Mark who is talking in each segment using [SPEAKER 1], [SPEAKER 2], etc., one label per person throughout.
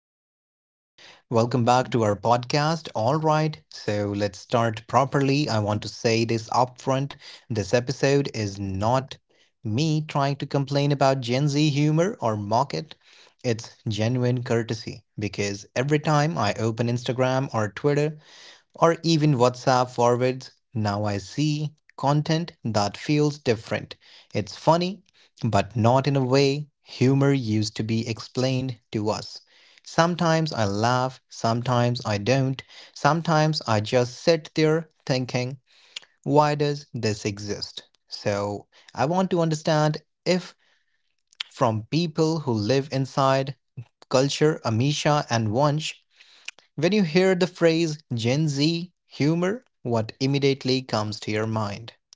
[SPEAKER 1] Hello and welcome back to our podcast. All right, so let's start properly. I want to say this upfront. This episode is not me trying to complain about Gen Z humor or mock it. It's genuine courtesy because every time I open Instagram or Twitter, or even WhatsApp forwards. Now I see content that feels different. It's funny, but not in a way humor used to be explained to us. Sometimes I laugh, sometimes I don't, sometimes I just sit there thinking, why does this exist? So I want to understand if from people who live inside culture Amisha and Wunsch when you hear the phrase Gen Z humor, what immediately comes to your mind?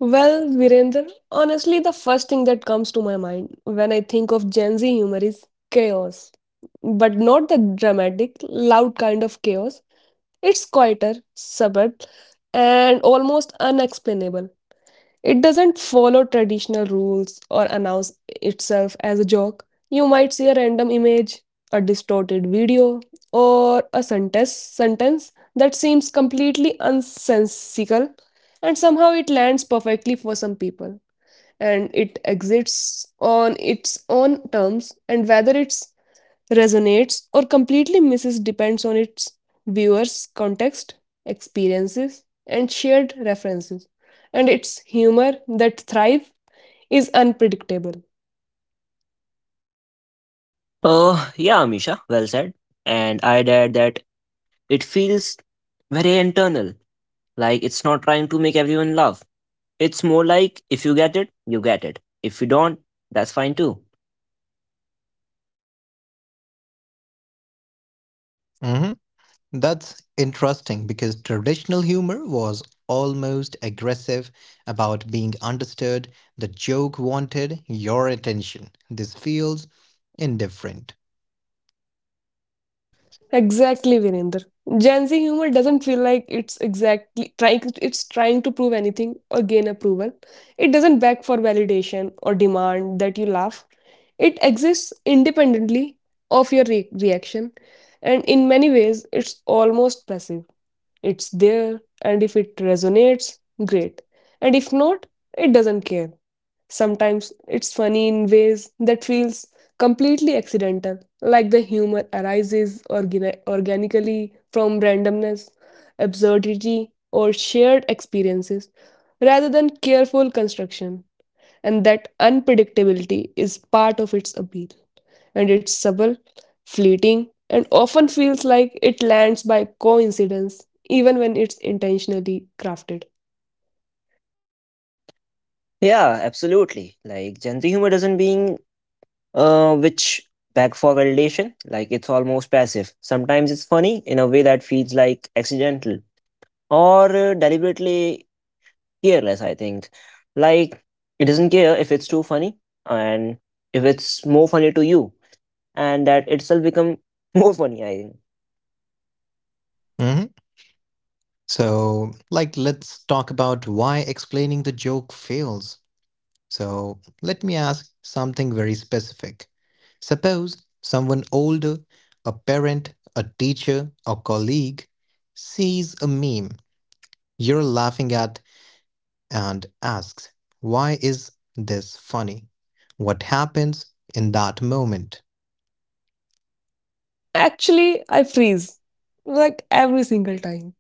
[SPEAKER 2] Well, Virender, honestly, the first thing that comes to my mind when I think of Gen Z humor is chaos. But not the dramatic, loud kind of chaos. It's quieter, subtle, and almost unexplainable. It doesn't follow traditional rules or announce itself as a joke. You might see a random image, a distorted video, or a sentence that seems completely unsensical, and somehow it lands perfectly for some people. And it exists on its own terms, and whether it's resonates or completely misses depends on its viewer's context, experiences, and shared references. And its humor that thrive is unpredictable.
[SPEAKER 3] Yeah, Misha, well said. And I'd add that it feels very internal. Like it's not trying to make everyone laugh. It's more like if you get it, you get it. If you don't, that's fine too.
[SPEAKER 1] Hmm. That's interesting because traditional humor was almost aggressive about being understood. The joke wanted your attention. This feels indifferent.
[SPEAKER 2] Exactly, Virender. Gen Z humor doesn't feel like it's trying to prove anything or gain approval. It doesn't beg for validation or demand that you laugh. It exists independently of your reaction, and in many ways it's almost passive. It's there, and if it resonates, great. And if not, it doesn't care. Sometimes it's funny in ways that feels completely accidental, like the humor arises organically from randomness, absurdity, or shared experiences, rather than careful construction, and that unpredictability is part of its appeal. And it's subtle, fleeting, and often feels like it lands by coincidence, even when it's intentionally crafted.
[SPEAKER 3] Yeah, absolutely. Like Gen Z humor doesn't being which back for validation. Like it's almost passive. Sometimes it's funny in a way that feels like accidental or deliberately careless, I think. Like, it doesn't care if it's too funny and if it's more funny to you, and that itself become more funny, I think.
[SPEAKER 1] Hmm. So, like, let's talk about why explaining the joke fails. So, let me ask something very specific. Suppose someone older, a parent, a teacher, a colleague, sees a meme you're laughing at and asks, why is this funny? What happens in that moment?
[SPEAKER 2] Actually, I freeze like every single time.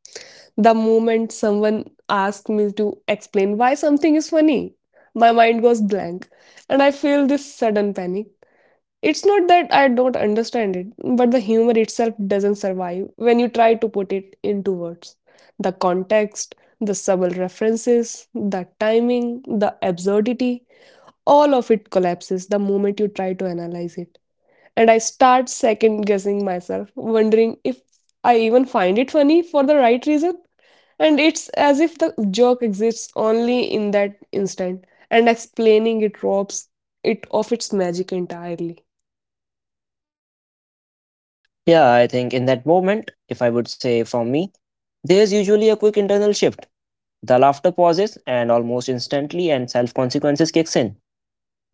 [SPEAKER 2] The moment someone asks me to explain why something is funny, my mind goes blank and I feel this sudden panic. It's not that I don't understand it, but the humor itself doesn't survive when you try to put it into words. The context, the subtle references, the timing, the absurdity, all of it collapses the moment you try to analyze it. And I start second guessing myself, wondering if I even find it funny for the right reason. And it's as if the joke exists only in that instant, and explaining it robs it of its magic entirely.
[SPEAKER 3] Yeah, I think in that moment, if I would say from me, there's usually a quick internal shift. The laughter pauses and almost instantly, and self consequences kicks in.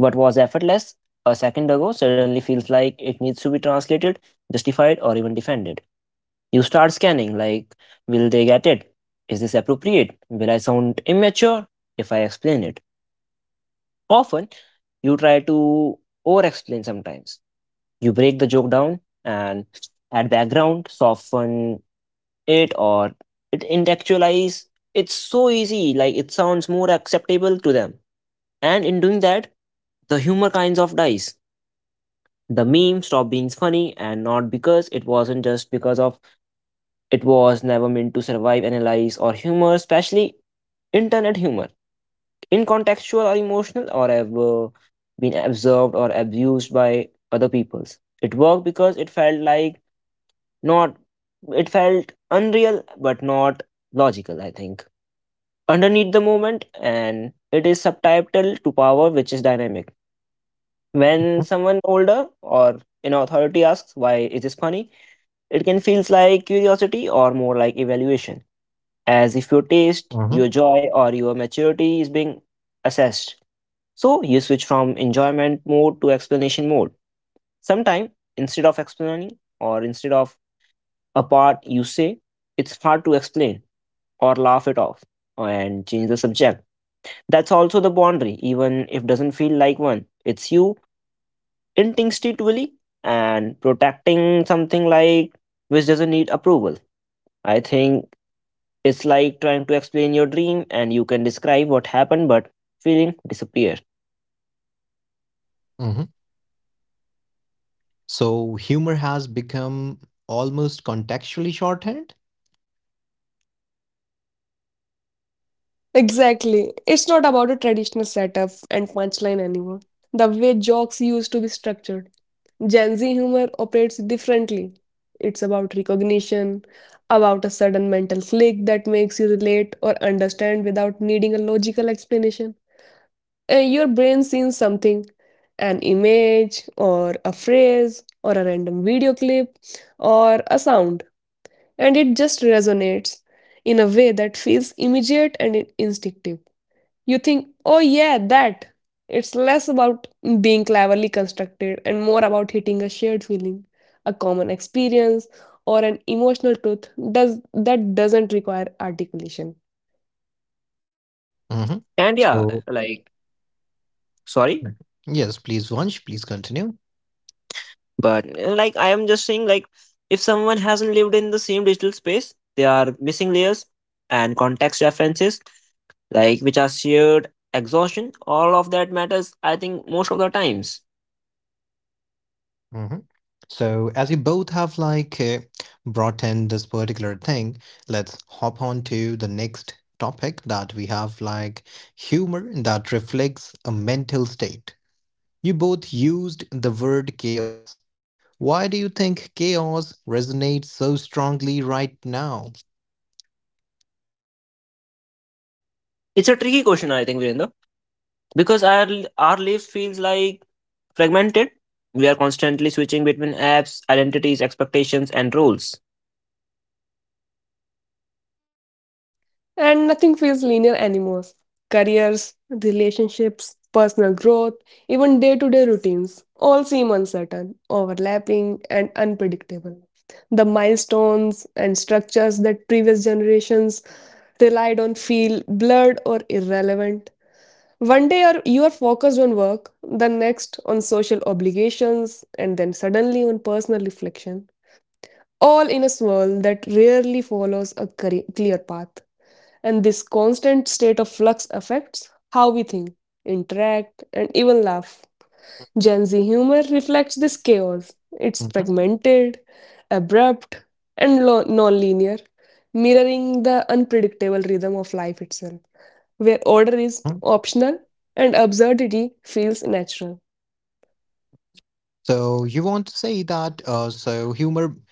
[SPEAKER 3] What was effortless a second ago suddenly feels like it needs to be translated, justified, or even defended. You start scanning, like, will they get it? Is this appropriate? Will I sound immature if I explain it? Often, you try to over explain sometimes. You break the joke down and add background, soften it, or it intellectualize. It's so easy, like, it sounds more acceptable to them. And in doing that, the humor kinds of dies. The meme stop being funny, and not because it wasn't just because of it was never meant to survive analyze or humor, especially internet humor. Incontextual or emotional or have been absorbed or abused by other peoples. It worked because it felt like not it felt unreal but not logical, I think. Underneath the moment and it is subtitled to power which is dynamic. When someone older or in authority asks why is this funny, it can feels like curiosity or more like evaluation as if your taste, your
[SPEAKER 1] Mhm.
[SPEAKER 3] joy, or your maturity is being assessed. So you switch from enjoyment mode to explanation mode. Sometimes, instead of explaining or instead of a part, you say it's hard to explain or laugh it off and change the subject. That's also the boundary, even if doesn't feel like one. It's you instinctively and protecting something like which doesn't need approval. I think it's like trying to explain your dream and you can describe what happened, but feeling disappear.
[SPEAKER 1] Mhm. So humor has become almost contextually shorthand.
[SPEAKER 2] Exactly. It's not about a traditional setup and punchline anymore. The way jokes used to be structured. Gen Z humor operates differently. It's about recognition, about a sudden mental click that makes you relate or understand without needing a logical explanation. Your brain sees something, an image, or a phrase, or a random video clip, or a sound, and it just resonates in a way that feels immediate and instinctive. You think, oh yeah, that. It's less about being cleverly constructed and more about hitting a shared feeling, a common experience, or an emotional truth that doesn't require articulation.
[SPEAKER 1] Mhm.
[SPEAKER 3] And
[SPEAKER 1] So
[SPEAKER 3] like, sorry,
[SPEAKER 1] yes, please, Vansh, please continue.
[SPEAKER 3] but like I am just saying, like, if someone hasn't lived in the same digital space, they are missing layers and context references, like which are shared exhaustion. All of that matters, I think, most of the times.
[SPEAKER 1] Mhm. So, as you both have like brought in this particular thing, let's hop on to the next topic that we have like humor that reflects a mental state. You both used the word chaos. Why do you think chaos resonates so strongly right now?
[SPEAKER 3] Hmm. It's a tricky question, I think, Virendra, because our life feels like fragmented. We are constantly switching between apps, identities, expectations, and roles.
[SPEAKER 2] And nothing feels linear anymore. Careers, relationships, personal growth, even day to day routines all seem uncertain, overlapping, and unpredictable. The milestones and structures that previous generations till I don't feel blurred or irrelevant. One day you're focused on work, the next on social obligations, and then suddenly on personal reflection. All in a swirl that rarely follows a clear path. And this constant state of flux affects how we think, interact, and even laugh. Gen Z humor reflects this chaos. It's
[SPEAKER 1] Mhm.
[SPEAKER 2] fragmented, abrupt, and non linear, mirroring the unpredictable rhythm of life itself where order is
[SPEAKER 1] Mhm.
[SPEAKER 2] optional and absurdity feels natural.
[SPEAKER 1] So, you want to say that so humor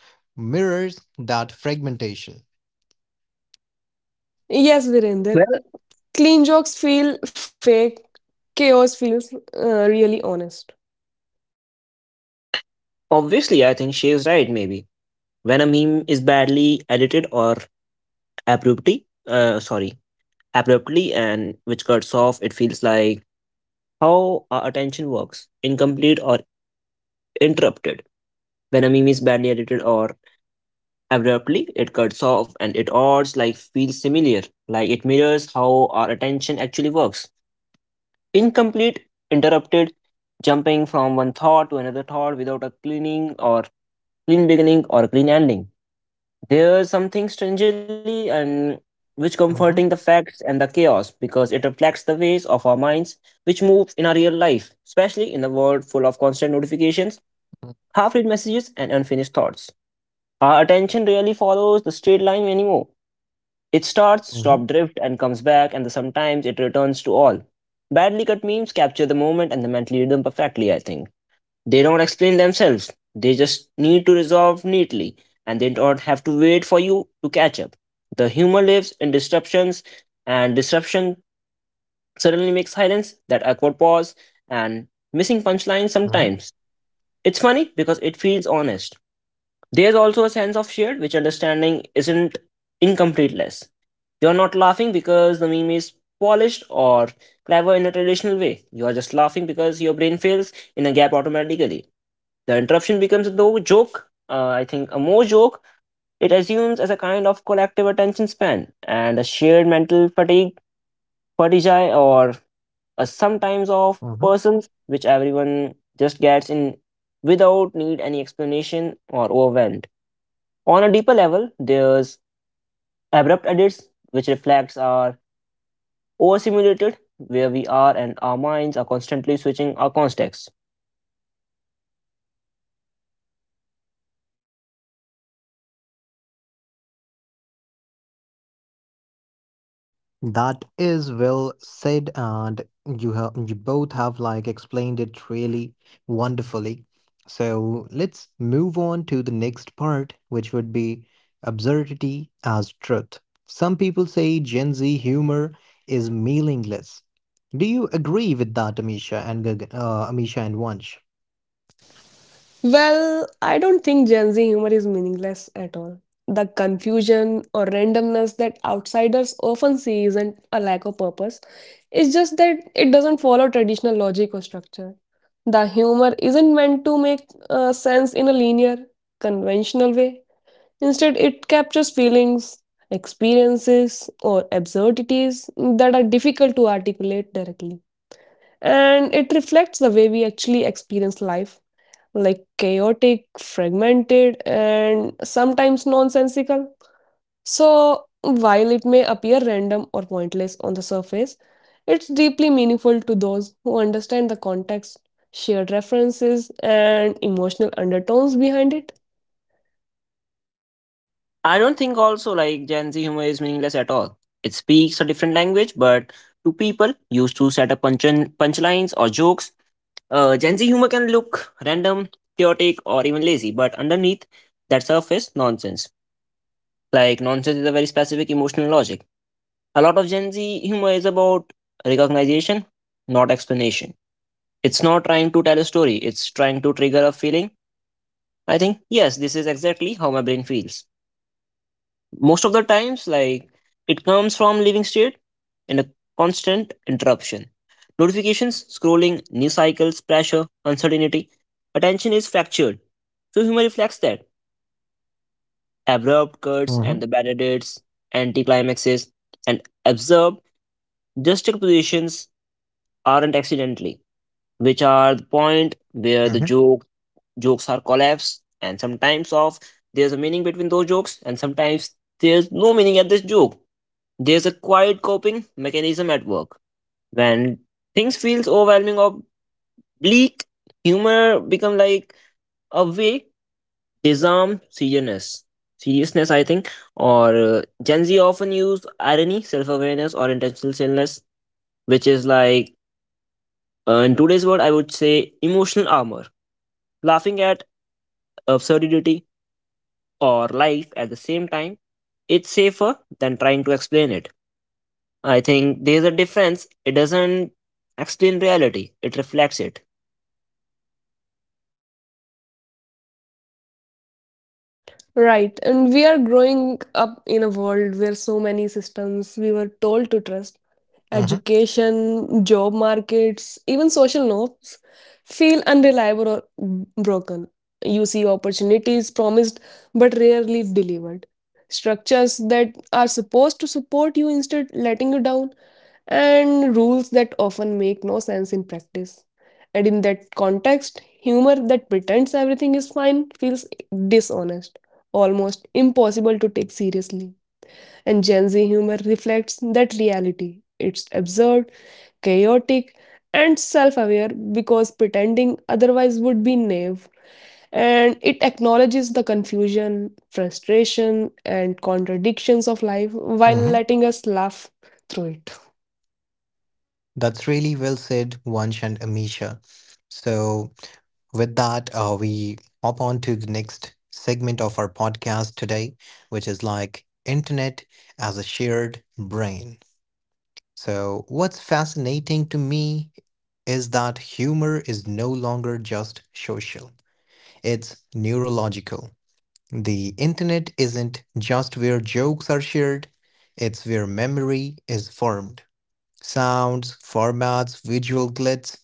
[SPEAKER 1] mirrors that fragmentation.
[SPEAKER 2] Yes,
[SPEAKER 3] Well,
[SPEAKER 2] Virender, clean jokes feel fake, chaos feels really honest.
[SPEAKER 3] obviously, I think she is right, maybe. When a meme is badly edited or abruptly, uh, sorry, abruptly and which cuts off, it feels like how our attention works, incomplete or interrupted. When a meme is badly edited or abruptly, it cuts off and it odds like feels familiar, like it mirrors how our attention actually works. Incomplete, interrupted, jumping from one thought to another thought without a cleaning or clean beginning or a clean ending. There's something strangely and which comforting the
[SPEAKER 1] Mhm.
[SPEAKER 3] facts and the chaos because it reflects the ways of our minds which move in our real life, especially in a world full of constant notifications,
[SPEAKER 1] Mhm.
[SPEAKER 3] half-read messages, and unfinished thoughts. Our attention rarely follows the straight line anymore. It starts, stop
[SPEAKER 1] Mhm.
[SPEAKER 3] drift, and comes back, and sometimes it returns to all. Badly cut memes capture the moment and the mental rhythm perfectly, I think. They don't explain themselves. They just need to resolve neatly and they don't have to wait for you to catch up. The humor lives in disruptions, and disruption suddenly makes silence, that awkward pause, and missing punchline
[SPEAKER 1] Mhm.
[SPEAKER 3] sometimes. It's funny because it feels honest. There's also a sense of shared which understanding isn't incompleteness. You're not laughing because the meme is polished or clever in a traditional way. You are just laughing because your brain fills in a gap automatically. The interruption becomes a no joke, I think a more joke, it assumes as a kind of collective attention span and a shared mental fatigue, fatigue or a sometimes of
[SPEAKER 1] Mhm.
[SPEAKER 3] persons which everyone just gets in without need any explanation or overwhelmed. On a deeper level, there's abrupt edits which reflects our overstimulated where we are and our minds are constantly switching our context.
[SPEAKER 1] That is well said, and you both have like explained it really wonderfully. So let's move on to the next part, which would be absurdity as truth. Some people say Gen Z humor is meaningless. Do you agree with that, Amisha and Vansh?
[SPEAKER 2] Well, I don't think Gen Z humor is meaningless at all. The confusion or randomness that outsiders often see isn't a lack of purpose, it's just that it doesn't follow traditional logic or structure. The humor isn't meant to make sense in a linear, conventional way. Instead, it captures feelings, experiences, or absurdities that are difficult to articulate directly. And it reflects the way we actually experience life, like chaotic, fragmented, and sometimes nonsensical. So, while it may appear random or pointless on the surface, it's deeply meaningful to those who understand the context, shared references, and emotional undertones behind it.
[SPEAKER 3] I don't think also like Gen Z humor is meaningless at all. It speaks a different language, but to people used to set up punchlines or jokes, Gen Z humor can look random, chaotic, or even lazy. But underneath that surface, nonsense. Like nonsense is a very specific emotional logic. A lot of Gen Z humor is about recognition, not explanation. It's not trying to tell a story. It's trying to trigger a feeling. I think yes, this is exactly how my brain feels. Most of the times like it comes from living state and a constant interruption notifications scrolling news cycles pressure uncertainty attention is fractured so humor reflects that abrupt cuts and
[SPEAKER 1] Mm-hmm.
[SPEAKER 3] the bad edits anticlimaxes and absurd juxtapositions aren't accidentally which are the point where the
[SPEAKER 1] Mm-hmm.
[SPEAKER 3] joke jokes are collapsed and sometimes of there's a meaning between those jokes and sometimes there's no meaning at this joke. There's a quiet coping mechanism at work. When things feels overwhelming or bleak, humor become like a way disarm seriousness. Seriousness, I think, or Gen Z often use irony, self-awareness, or intentional silliness, which is like in today's world, I would say emotional armor. Laughing at absurdity or life at the same time, it's safer than trying to explain it. I think there's a difference. It doesn't explain reality, it reflects it.
[SPEAKER 2] Right, and we are growing up in a world where so many systems we were told to trust,
[SPEAKER 1] Mm-hmm.
[SPEAKER 2] education, job markets, even social norms, feel unreliable or broken. You see opportunities promised but rarely delivered. Structures that are supposed to support you instead letting you down, and rules that often make no sense in practice. And in that context, humor that pretends everything is fine feels dishonest, almost impossible to take seriously. And Gen Z humor reflects that reality. It's absurd, chaotic, and self aware because pretending otherwise would be naive. And it acknowledges the confusion, frustration, and contradictions of life while
[SPEAKER 1] Mm-hmm.
[SPEAKER 2] letting us laugh through it.
[SPEAKER 1] That's really well said, Vansh and Amisha. So with that, we hop on to the next segment of our podcast today, which is like internet as a shared brain. So, what's fascinating to me is that humor is no longer just social, it's neurological. The internet isn't just where jokes are shared, it's where memory is formed, sounds, formats, visual glitz,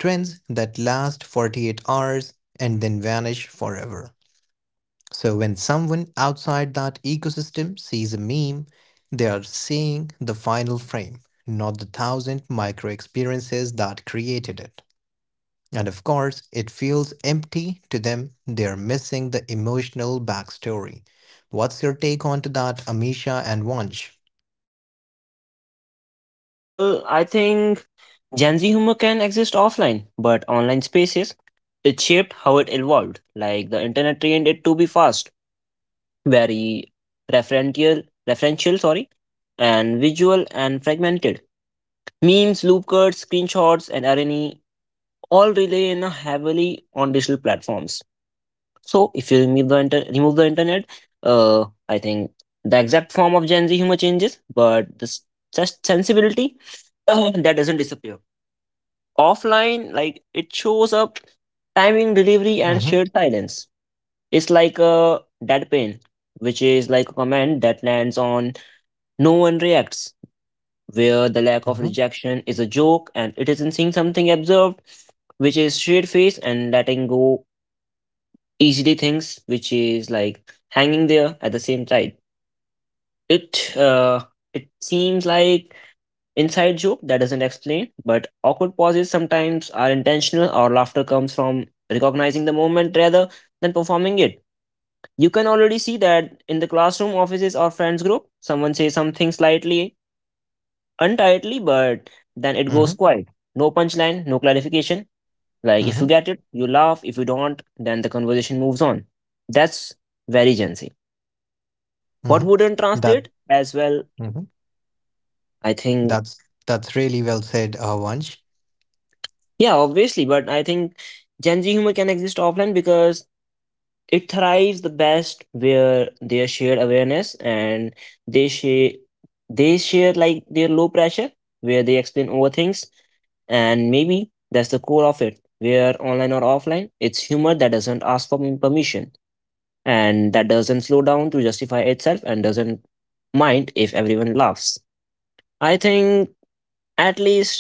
[SPEAKER 1] trends that last 48 hours and then vanish forever. So when someone outside that ecosystem sees a meme, they are seeing the final frame, not the thousand micro experiences that created it. And of course, it feels empty to them. They are missing the emotional backstory. What's your take on to that, Amisha and Vansh?
[SPEAKER 3] Well, I think Gen Z humor can exist offline, but online spaces, it shaped how it evolved. Like the internet trained it to be fast, very referential, referential and visual and fragmented. Memes, loop cuts, screenshots, and irony all rely in a heavily on digital platforms. So if you remove the internet, I think the exact form of Gen Z humor changes, but this just sensibility that doesn't disappear. Offline, like it shows up timing, delivery, and
[SPEAKER 1] Mm-hmm.
[SPEAKER 3] shared silence. It's like a deadpan, which is like a comment that lands on no one reacts, where the lack of
[SPEAKER 1] Mm-hmm.
[SPEAKER 3] rejection is a joke and it isn't seeing something observed, which is straight face and letting go easily things, which is like hanging there at the same time. It uh, it seems like inside joke that doesn't explain, but awkward pauses sometimes are intentional. Or laughter comes from recognizing the moment rather than performing it. You can already see that in the classroom, offices, or friends group. Someone says something slightly untightly, but then it goes
[SPEAKER 1] Mm-hmm.
[SPEAKER 3] quiet. No punchline, no clarification. Like if you
[SPEAKER 1] Mm-hmm.
[SPEAKER 3] get it, you laugh. If you don't, then the conversation moves on. That's very Gen Z. What
[SPEAKER 1] Mm-hmm.
[SPEAKER 3] wouldn't
[SPEAKER 1] That.
[SPEAKER 3] translate as well?
[SPEAKER 1] Mhm.
[SPEAKER 3] I think,
[SPEAKER 1] That's that's really well said, Vansh.
[SPEAKER 3] yeah, obviously, but I think Gen Z humor can exist offline because it thrives the best where they shared awareness and they share they share like their low pressure where they explain over things and maybe that's the core of it where online or offline it's humor that doesn't ask for permission and that doesn't slow down to justify itself and doesn't mind if everyone laughs I think. At least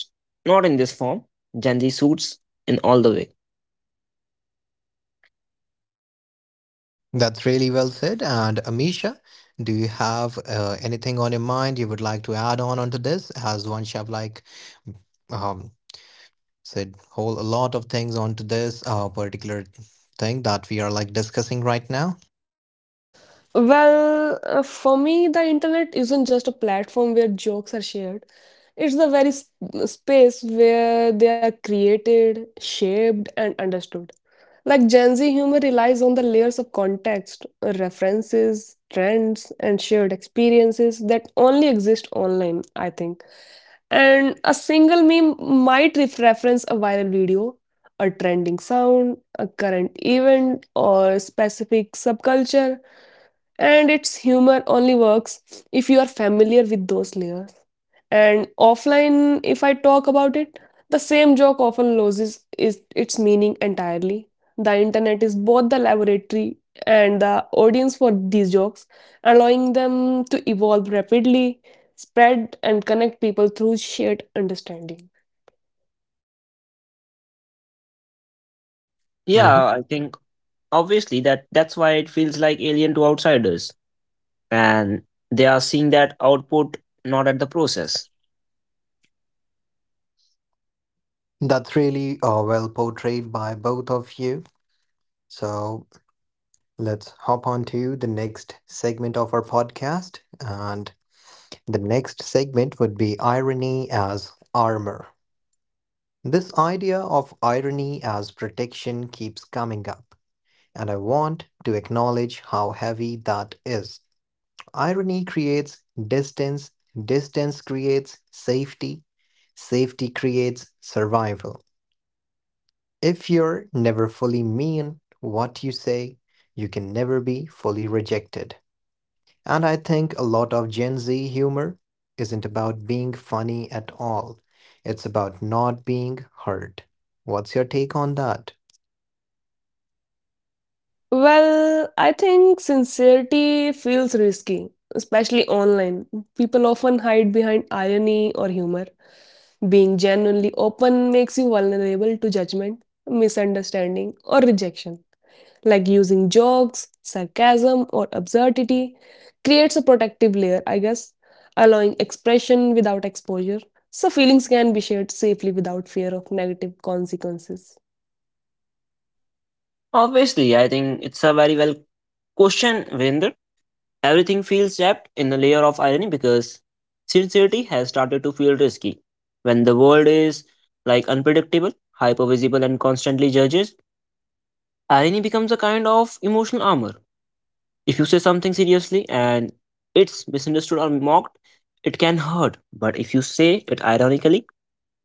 [SPEAKER 3] not in this form. Gen Z suits in all the way.
[SPEAKER 1] That's really well said. And Amisha, do you have anything on your mind you would like to add on onto this? As Vansh have like um, said whole a lot of things onto this particular thing that we are like discussing right now.
[SPEAKER 2] Well, for me, the internet isn't just a platform where jokes are shared. It's the very space where they are created, shaped, and understood. Like Gen Z humor relies on the layers of context, references, trends, and shared experiences that only exist online, I think. And a single meme might reference a viral video, a trending sound, a current event, or specific subculture, and its humor only works if you are familiar with those layers. And offline, if I talk about it, the same joke often loses is its meaning entirely. The internet is both the laboratory and the audience for these jokes, allowing them to evolve rapidly, spread, and connect people through shared understanding.
[SPEAKER 3] Yeah,
[SPEAKER 1] Hmm.
[SPEAKER 3] I think obviously that's why it feels like alien to outsiders, and they are seeing that output not at the process.
[SPEAKER 1] That's really well portrayed by both of you. So let's hop on to the next segment of our podcast and. The next segment would be irony as armor. This idea of irony as protection keeps coming up, and I want to acknowledge how heavy that is. Irony creates distance, distance creates safety, safety creates survival. If you're never fully mean what you say, you can never be fully rejected. And I think a lot of Gen Z humor isn't about being funny at all, it's about not being hurt. What's your take on that?
[SPEAKER 2] Well, I think sincerity feels risky, especially online. People often hide behind irony or humor. Being genuinely open makes you vulnerable to judgment, misunderstanding, or rejection. Like using jokes, sarcasm, or absurdity, creates a protective layer, I guess, allowing expression without exposure. So feelings can be shared safely without fear of negative consequences.
[SPEAKER 3] Obviously, I think it's a very well question, Virender. Everything feels wrapped in a layer of irony because sincerity has started to feel risky. When the world is like unpredictable, hypervisible, and constantly judges, irony becomes a kind of emotional armor. If you say something seriously and it's misunderstood or mocked, it can hurt. But if you say it ironically,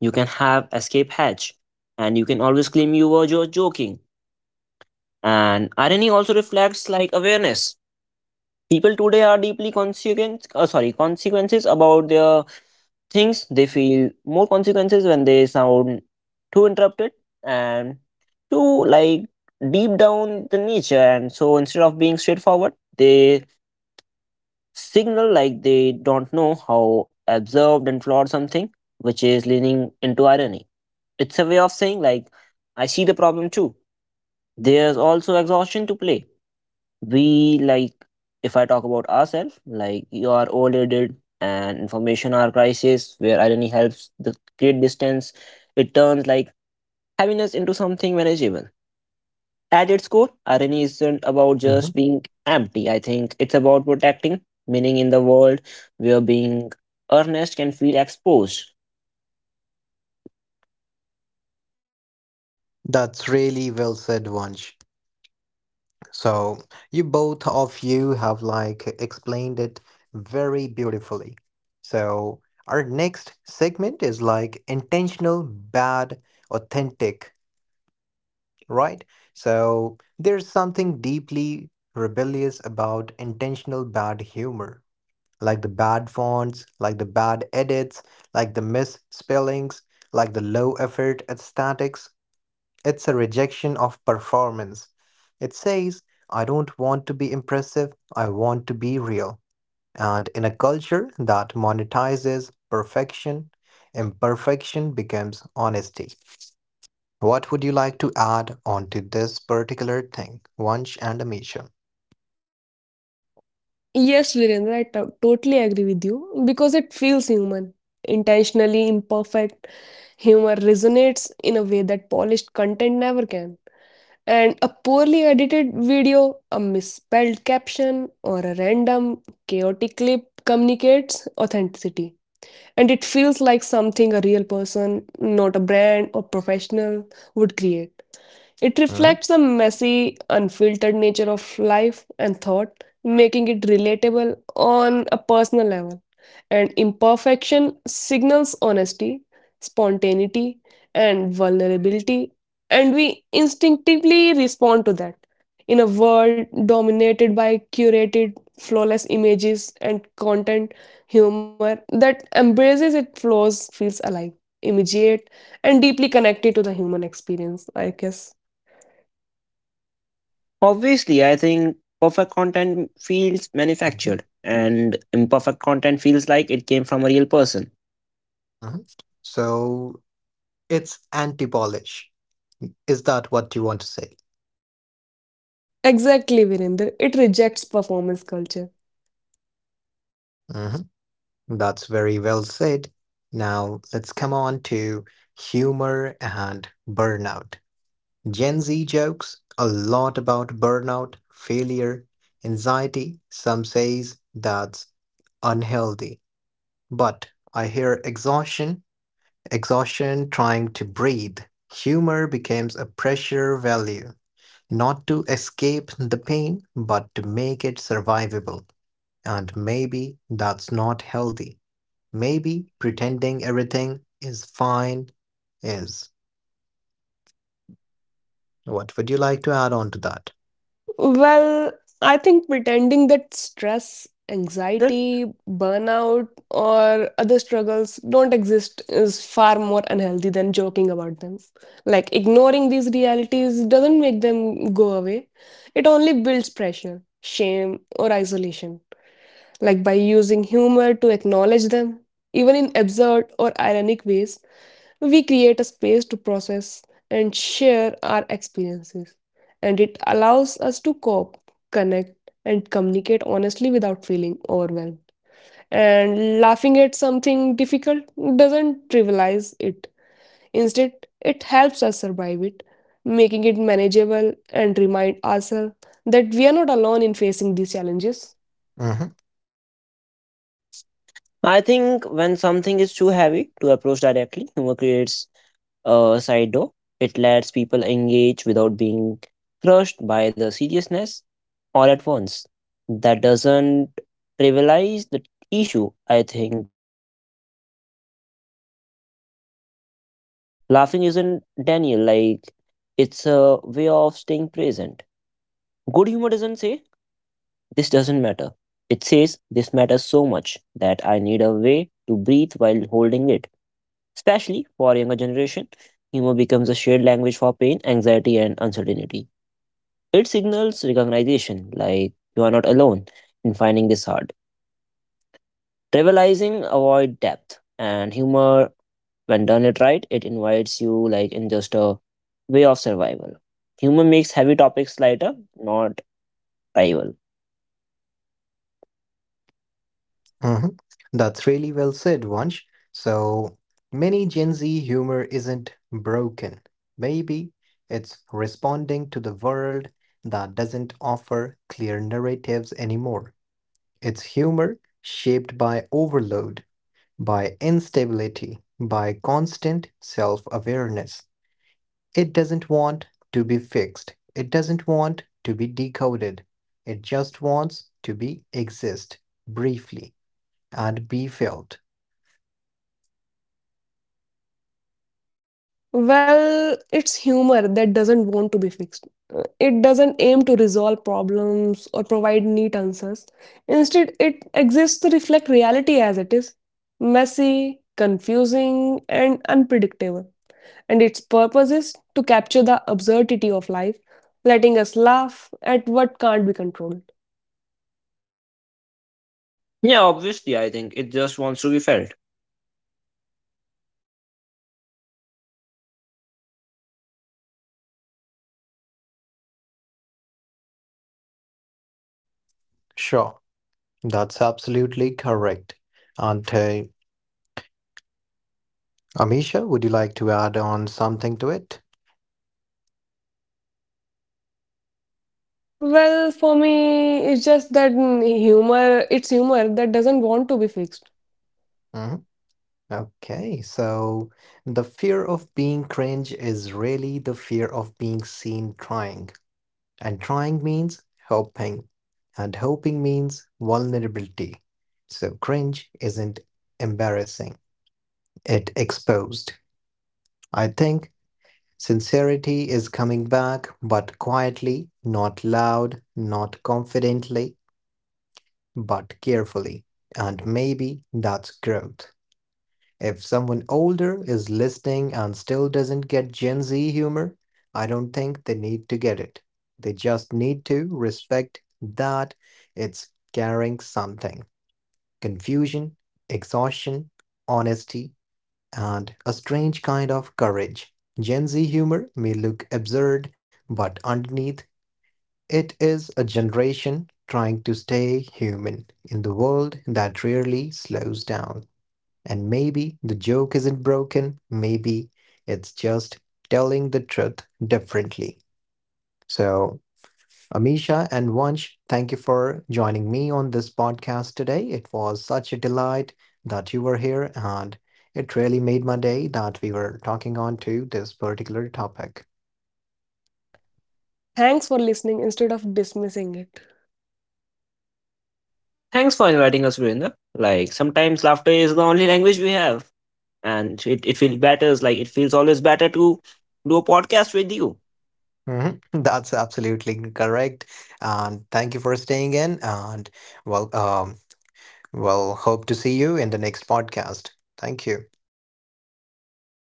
[SPEAKER 3] you can have escape hatch and you can always claim you were joking. And irony also reflects like awareness. People today are deeply consequences about their things. They feel more consequences when they sound too interrupted and too like deep down the nature. And so instead of being straightforward, they signal like they don't know how absurd and flawed something, which is leaning into irony. It's a way of saying, like, I see the problem too. There's also exhaustion to play. We, like, if I talk about ourselves, like, you are overloaded and information are crisis where irony helps the create distance. It turns, like, heaviness into something manageable. At its core, irony isn't about
[SPEAKER 1] Mhm.
[SPEAKER 3] just being empty. I think it's about protecting, meaning in the world where being earnest can feel exposed.
[SPEAKER 1] That's really well said, Vansh. So you both of you have like explained it very beautifully. So our next segment is like intentional, bad, authentic, right? So there's something deeply rebellious about intentional bad humor, like the bad fonts, like the bad edits, like the misspellings, like the low effort aesthetics. It's a rejection of performance. It says, I don't want to be impressive, I want to be real. And in a culture that monetizes perfection, imperfection becomes honesty. What would you like to add onto this particular thing, Vansh and Amisha?
[SPEAKER 2] Yes, Virendra, I totally agree with you because it feels human. Intentionally imperfect humor resonates in a way that polished content never can. And a poorly edited video, a misspelled caption, or a random, chaotic clip communicates authenticity. And it feels like something a real person, not a brand or professional, would create. It
[SPEAKER 1] Hmm.
[SPEAKER 2] reflects the messy, unfiltered nature of life and thought, making it relatable on a personal level. And imperfection signals honesty, spontaneity, and vulnerability, and we instinctively respond to that. In a world dominated by curated, flawless images and content, humor that embraces its flaws feels alive, immediate, and deeply connected to the human experience, I guess.
[SPEAKER 3] Obviously, I think perfect content feels
[SPEAKER 1] Hmm.
[SPEAKER 3] manufactured, and imperfect content feels like it came from a real person.
[SPEAKER 1] Hmm. So it's anti polish. Is that what you want to say?
[SPEAKER 2] Exactly, Virender. It rejects performance culture.
[SPEAKER 1] Hmm. That's very well said. Now let's come on to humor and burnout. Gen Z jokes a lot about burnout, failure, anxiety. Some says that's unhealthy. But I hear exhaustion, exhaustion trying to breathe. Humor becomes a pressure value, not to escape the pain, but to make it survivable. And maybe that's not healthy. Maybe pretending everything is fine is. What would you like to add on to that?
[SPEAKER 2] Well, I think pretending
[SPEAKER 3] I
[SPEAKER 2] that
[SPEAKER 3] think,
[SPEAKER 2] stress,
[SPEAKER 3] Vinder,
[SPEAKER 2] anxiety, burnout, or other struggles don't exist is far more unhealthy than joking about them. Like, ignoring these realities doesn't make them go away, it only builds pressure, shame, or isolation. Like, by using humor to acknowledge them, even in absurd or ironic ways, we create a space to process and share our experiences, and it allows us to cope, connect, and communicate honestly without feeling overwhelmed. And laughing at something difficult doesn't trivialize it, instead, it helps us survive it, making it manageable and remind ourselves that we are not alone in facing these challenges.
[SPEAKER 1] Hmm.
[SPEAKER 3] I think when something is too heavy to approach directly, humor creates side door. It lets people engage without being crushed by the seriousness all at once. That doesn't trivialize the issue. I think it acknowledges how overwhelming it already is. Laughing isn't Daniel, like, it's a way of staying present. Good humor doesn't say this doesn't matter. It says this matters so much that I need a way to breathe while holding it. Especially for younger generation, humor becomes a shared language for pain, anxiety, and uncertainty. It signals recognition, like you are not alone in finding this hard. Trivializing avoid depth and humor. When done it right, it invites you like in just a way of survival. Humor makes heavy topics lighter, not rival.
[SPEAKER 1] Hmm. That's really well said, Vansh. So many Gen Z humor isn't broken. Maybe it's responding to the world that doesn't offer clear narratives anymore. It's humor shaped by overload, by instability, by constant self awareness. It doesn't want to be fixed. It doesn't want to be decoded. It just wants to be exist briefly and be felt.
[SPEAKER 2] Well, it's humor that doesn't want to be fixed. It doesn't aim to resolve problems or provide neat answers. Instead, it exists to reflect reality as it is messy, confusing, and unpredictable. And its purpose is to capture the absurdity of life, letting us laugh at what can't be controlled.
[SPEAKER 3] Yeah, obviously, I think it just wants to be felt.
[SPEAKER 1] Sure, that's absolutely correct. And Amisha, would you like to add on something to it?
[SPEAKER 2] Well, for me, it's just that humor, it's humor that doesn't want to be fixed.
[SPEAKER 1] Mhm. Okay, so the fear of being cringe is really the fear of being seen trying. And trying means hoping. And hoping means vulnerability. So cringe isn't embarrassing, it exposed. I think sincerity is coming back, but quietly, not loud, not confidently, but carefully. And maybe that's growth. If someone older is listening and still doesn't get Gen Z humor, I don't think they need to get it. They just need to respect that it's carrying something confusion, exhaustion, honesty, and a strange kind of courage. Gen Z humor may look absurd, but underneath, it is a generation trying to stay human in the world that rarely slows down. And maybe the joke isn't broken, maybe it's just telling the truth differently. So, Amisha and Vansh, thank you for joining me on this podcast today. It was such a delight that you were here, and it really made my day that we were talking on to this particular topic.
[SPEAKER 2] Thanks for listening instead of dismissing it.
[SPEAKER 3] Thanks for inviting us, Virendra. Like sometimes laughter is the only language we have, and it feels better. Like it feels always better to do a podcast with you.
[SPEAKER 1] Mhm. That's absolutely correct. And thank you for staying in, and well, well, hope to see you in the next podcast. Thank you.